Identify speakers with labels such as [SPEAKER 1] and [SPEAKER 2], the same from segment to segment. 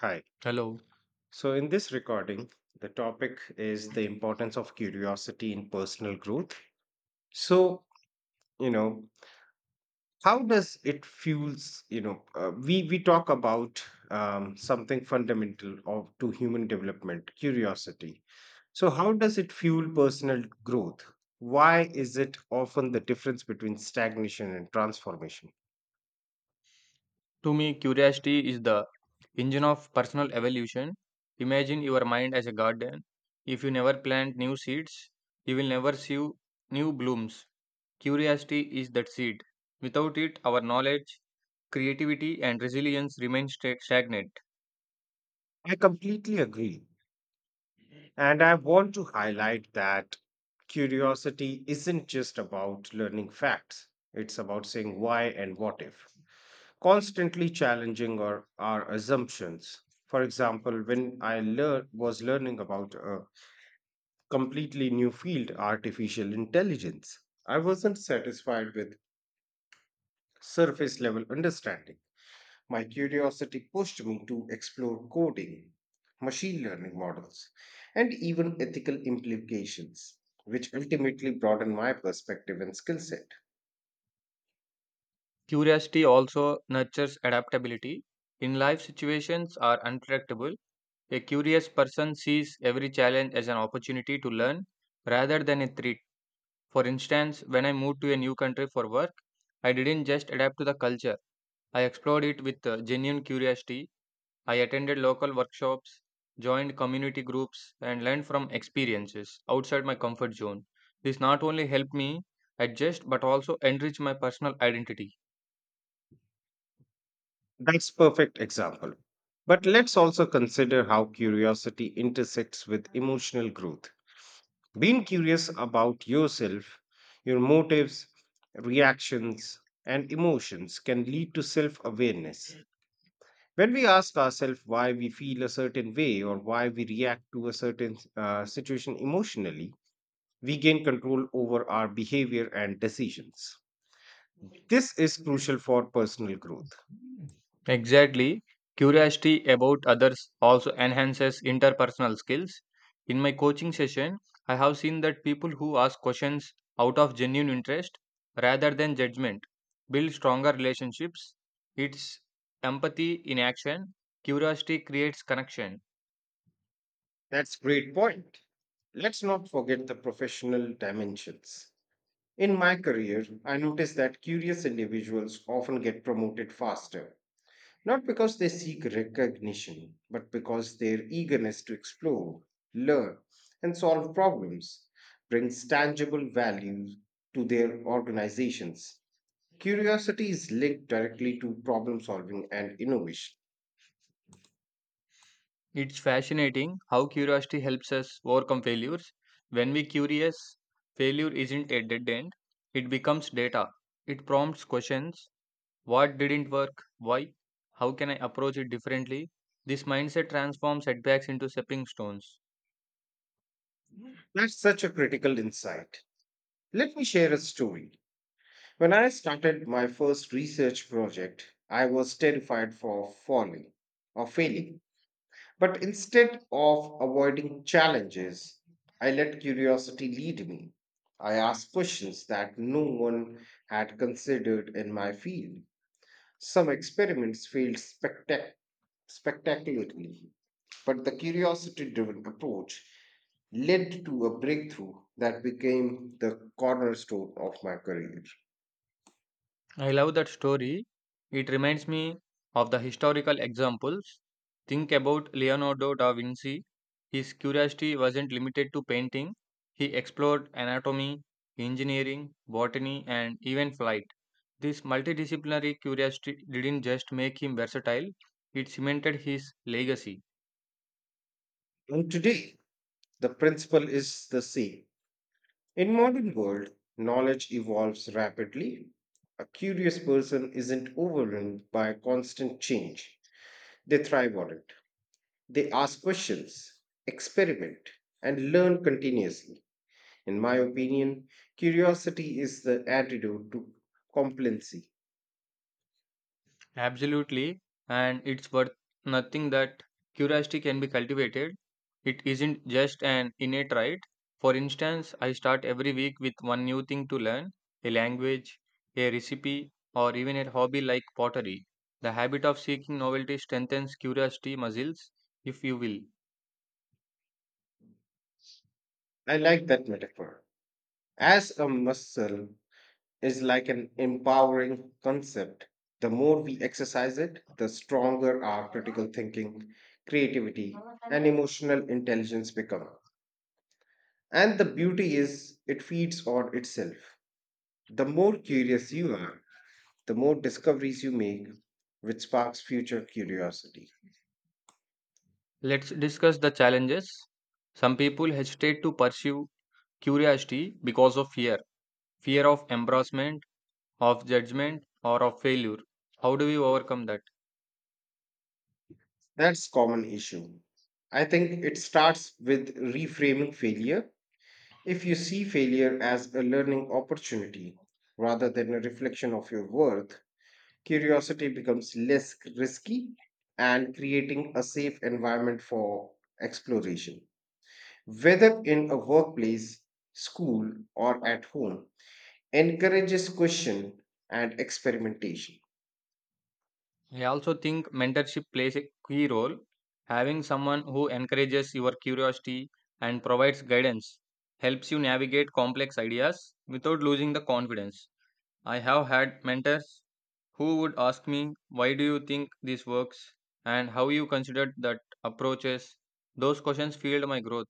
[SPEAKER 1] Hi.
[SPEAKER 2] Hello.
[SPEAKER 1] So, in this recording, the topic is the importance of curiosity in personal growth. So, you know, how does it fuels, you know, we talk about something fundamental to human development, curiosity. So, how does it fuel personal growth? Why is it often the difference between stagnation and transformation?
[SPEAKER 2] To me, curiosity is the engine of personal evolution. Imagine your mind as a garden. If you never plant new seeds, you will never see new blooms. Curiosity is that seed. Without it, our knowledge, creativity, and resilience remain stagnant.
[SPEAKER 1] I completely agree. And I want to highlight that curiosity isn't just about learning facts, it's about saying why and what if, constantly challenging our assumptions. For example, when was learning about a completely new field, artificial intelligence, I wasn't satisfied with surface level understanding. My curiosity pushed me to explore coding, machine learning models, and even ethical implications, which ultimately broadened my perspective and skill set.
[SPEAKER 2] Curiosity also nurtures adaptability. In life, situations are unpredictable. A curious person sees every challenge as an opportunity to learn rather than a threat. For instance, when I moved to a new country for work, I didn't just adapt to the culture, I explored it with genuine curiosity. I attended local workshops, joined community groups, and learned from experiences outside my comfort zone. This not only helped me adjust but also enrich my personal identity.
[SPEAKER 1] That's perfect example. But let's also consider how curiosity intersects with emotional growth. Being curious about yourself, your motives, reactions, and emotions can lead to self awareness. When we ask ourselves why we feel a certain way or why we react to a certain situation emotionally, we gain control over our behavior and decisions. This is crucial for personal growth.
[SPEAKER 2] Exactly. Curiosity about others also enhances interpersonal skills. In my coaching session, I have seen that people who ask questions out of genuine interest rather than judgment build stronger relationships. It's empathy in action. Curiosity creates connection.
[SPEAKER 1] That's great point. Let's not forget the professional dimensions. In my career, I noticed that curious individuals often get promoted faster not because they seek recognition, but because their eagerness to explore, learn, and solve problems brings tangible value to their organizations. Curiosity is linked directly to problem solving and innovation.
[SPEAKER 2] It's fascinating how curiosity helps us overcome failures. When we curious, failure isn't a dead end, it becomes data. It prompts questions. What didn't work? Why? How can I approach it differently? This mindset transforms setbacks into stepping stones.
[SPEAKER 1] That's such a critical insight. Let me share a story. When I started my first research project, I was terrified for falling or failing. But instead of avoiding challenges, I let curiosity lead me. I asked questions that no one had considered in my field. Some experiments failed spectacularly, but the curiosity driven approach led to a breakthrough that became the cornerstone of my career.
[SPEAKER 2] I love that story. It reminds me of the historical examples. Think about Leonardo da Vinci. His curiosity wasn't limited to painting, he explored anatomy, engineering, botany, and even flight. This multidisciplinary curiosity didn't just make him versatile, it cemented his legacy.
[SPEAKER 1] And today, the principle is the same. In modern world, knowledge evolves rapidly. A curious person isn't overwhelmed by constant change. They thrive on it. They ask questions, experiment, and learn continuously. In my opinion, curiosity is the antidote to complacency.
[SPEAKER 2] Absolutely, and it's worth nothing that curiosity can be cultivated. It isn't just an innate right. For instance, I start every week with one new thing to learn, a language, a recipe, or even a hobby like pottery. The habit of seeking novelty strengthens curiosity muscles, if you will.
[SPEAKER 1] I like that metaphor. As a muscle is like an empowering concept. The more we exercise it, the stronger our critical thinking, creativity, and emotional intelligence become. And the beauty is, it feeds on itself. The more curious you are, the more discoveries you make, which sparks future curiosity.
[SPEAKER 2] Let's discuss the challenges. Some people hesitate to pursue curiosity because of fear, fear of embarrassment, of judgment, or of failure. How do we overcome that?
[SPEAKER 1] That's common issue. I think it starts with reframing failure. If you see failure as a learning opportunity rather than a reflection of your worth, curiosity becomes less risky and creating a safe environment for exploration. Whether in a workplace, school, or at home, encourages question and experimentation.
[SPEAKER 2] I also think mentorship plays a key role. Having someone who encourages your curiosity and provides guidance helps you navigate complex ideas without losing the confidence. I have had mentors who would ask me, why do you think this works? And how you considered that approaches. Those questions fueled my growth.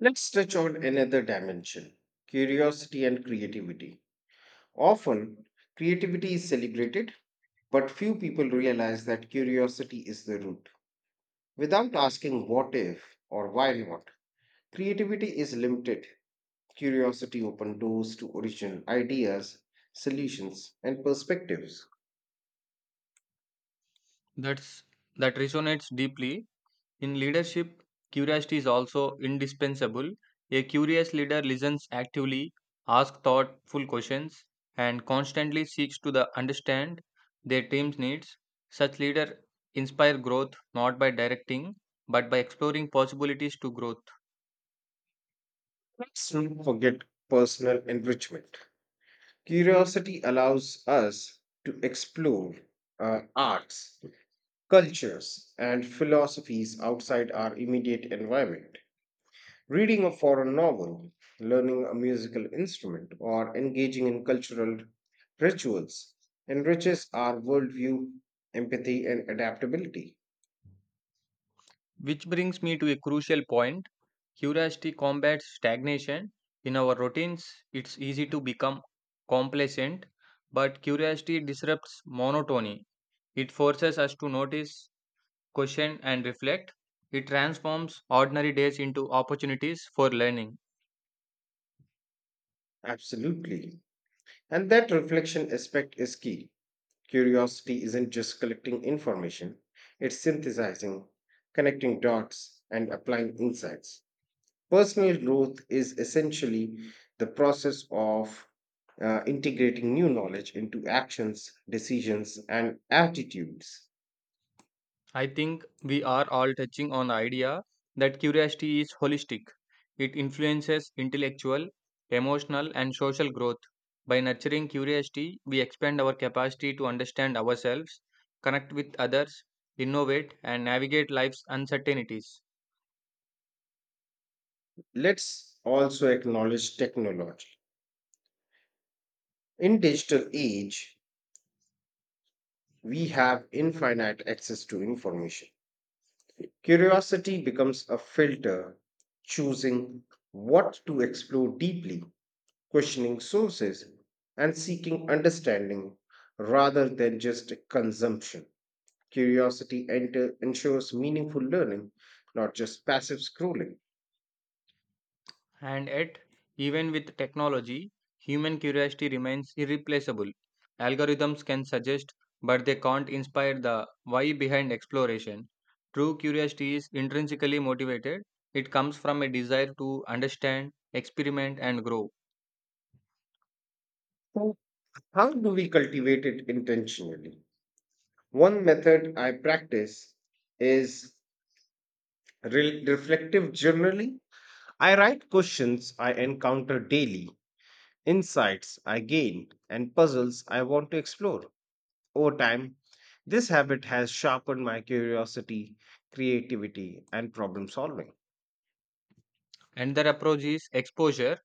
[SPEAKER 1] Let's touch on another dimension curiosity and creativity. Often, creativity is celebrated, but few people realize that curiosity is the root. Without asking what if or why not, creativity is limited. Curiosity opens doors to original ideas, solutions, and perspectives.
[SPEAKER 2] That's that resonates deeply. In leadership, curiosity is also indispensable. A curious leader listens actively, asks thoughtful questions, and constantly seeks to the understand their team's needs. Such leaders inspire growth not by directing but by exploring possibilities to growth.
[SPEAKER 1] Let's not forget personal enrichment. Curiosity allows us to explore arts, cultures, and philosophies outside our immediate environment. Reading a foreign novel, learning a musical instrument, or engaging in cultural rituals enriches our worldview, empathy, and adaptability.
[SPEAKER 2] Which brings me to a crucial point. Curiosity combats stagnation. In our routines, it's easy to become complacent, but curiosity disrupts monotony. It forces us to notice, question, and reflect. It transforms ordinary days into opportunities for learning.
[SPEAKER 1] Absolutely. And that reflection aspect is key. Curiosity isn't just collecting information, it's synthesizing, connecting dots, and applying insights. Personal growth is essentially the process of integrating new knowledge into actions, decisions, and attitudes.
[SPEAKER 2] I think we are all touching on the idea that curiosity is holistic. It influences intellectual, emotional, and social growth. By nurturing curiosity, we expand our capacity to understand ourselves, connect with others, innovate, and navigate life's uncertainties.
[SPEAKER 1] Let's also acknowledge technology. In digital age, we have infinite access to information. Curiosity becomes a filter, choosing what to explore deeply, questioning sources, and seeking understanding rather than just consumption. Ensures meaningful learning, not just passive scrolling.
[SPEAKER 2] And yet, even with technology, human curiosity remains irreplaceable. Algorithms can suggest, but they can't inspire the why behind exploration. True curiosity is intrinsically motivated, it comes from a desire to understand, experiment, and grow.
[SPEAKER 1] So, how do we cultivate it intentionally? One method I practice is reflective journaling. I write questions I encounter daily insights I gain, and puzzles I want to explore. Over time, this habit has sharpened my curiosity, creativity, and problem solving.
[SPEAKER 2] Another approach is exposure.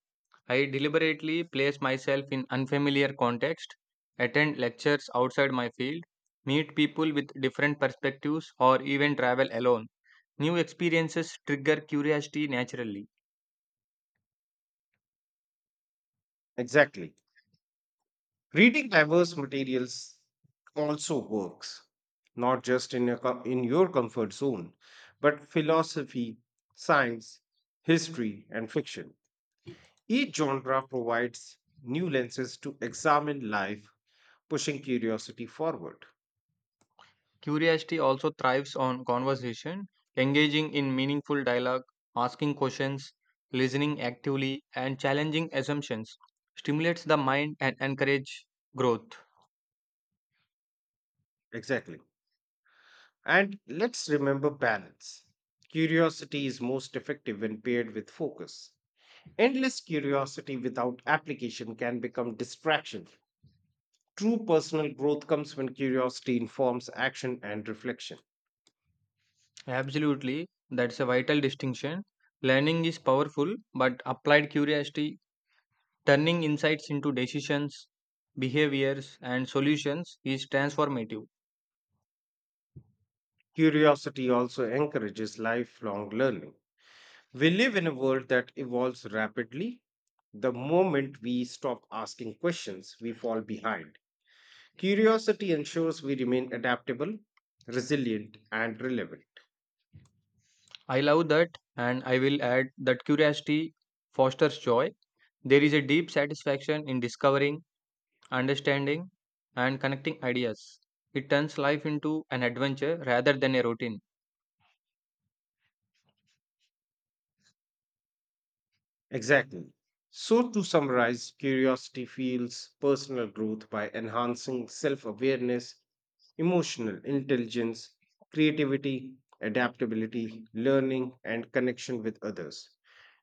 [SPEAKER 2] I deliberately place myself in unfamiliar context, attend lectures outside my field, meet people with different perspectives, or even travel alone. New experiences trigger curiosity naturally.
[SPEAKER 1] Exactly. Reading diverse materials also works, not just in in your comfort zone, but philosophy, science, history, and fiction. Each genre provides new lenses to examine life, pushing curiosity forward.
[SPEAKER 2] Curiosity also thrives on conversation, engaging in meaningful dialogue, asking questions, listening actively, and challenging assumptions stimulates the mind and encourage growth.
[SPEAKER 1] Exactly. And let's remember balance. Curiosity is most effective when paired with focus. Endless curiosity without application can become distraction. True personal growth comes when curiosity informs action and reflection.
[SPEAKER 2] Absolutely, that's a vital distinction. Learning is powerful, but applied curiosity, turning insights into decisions, behaviors, and solutions is transformative.
[SPEAKER 1] Curiosity also encourages lifelong learning. We live in a world that evolves rapidly. The moment we stop asking questions, we fall behind. Curiosity ensures we remain adaptable, resilient, and relevant.
[SPEAKER 2] I love that, and I will add that curiosity fosters joy. There is a deep satisfaction in discovering, understanding, and connecting ideas. It turns life into an adventure rather than a routine.
[SPEAKER 1] Exactly. So, to summarize, curiosity fuels personal growth by enhancing self awareness, emotional intelligence, creativity, adaptability, learning, and connection with others.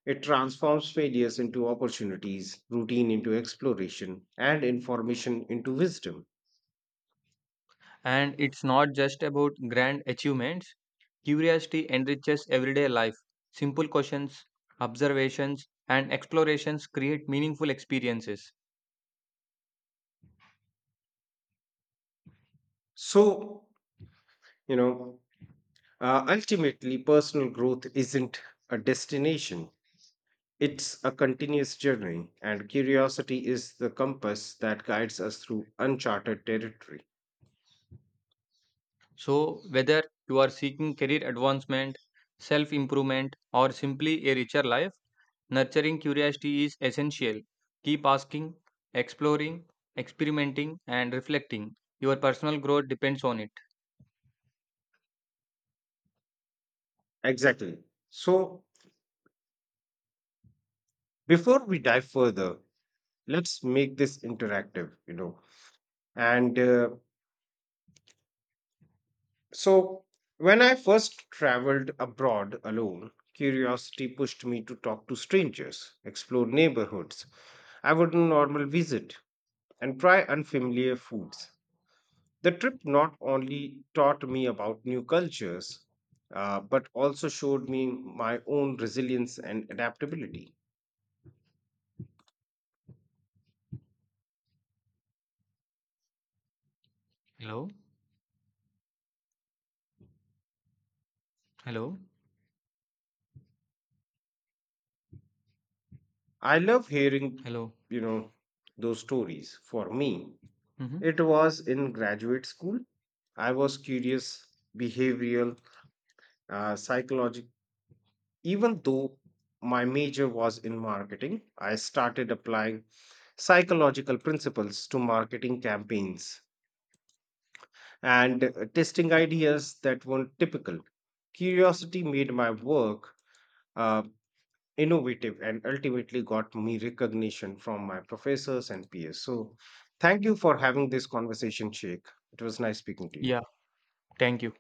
[SPEAKER 1] It transforms failures into opportunities, routine into exploration, and information into wisdom.
[SPEAKER 2] And it's not just about grand achievements. Curiosity enriches everyday life. Simple questions, observations, and explorations create meaningful experiences.
[SPEAKER 1] So, you know, ultimately, personal growth isn't a destination, it's a continuous journey, and curiosity is the compass that guides us through uncharted territory.
[SPEAKER 2] So, whether you are seeking career advancement, self improvement, or simply a richer life, nurturing curiosity is essential. Keep asking, exploring, experimenting, and reflecting. Your personal growth depends on it.
[SPEAKER 1] Exactly. So, before we dive further, let's make this interactive, and uh, So, when I first traveled abroad alone, curiosity pushed me to talk to strangers, explore neighborhoods I wouldn't normally visit, and try unfamiliar foods. The trip not only taught me about new cultures, but also showed me my own resilience and adaptability.
[SPEAKER 2] Hello? Hello?
[SPEAKER 1] I love hearing,
[SPEAKER 2] Hello?
[SPEAKER 1] you know, those stories. For me,
[SPEAKER 2] Mhm.
[SPEAKER 1] it was in graduate school. I was curious, behavioral, psychological. Even though my major was in marketing, I started applying psychological principles to marketing campaigns and testing ideas that weren't typical. Curiosity made my work uh, innovative and ultimately got me recognition from my professors and peers. So, thank you for having this conversation, Sheikh. It was nice speaking to you.
[SPEAKER 2] Yeah, thank you.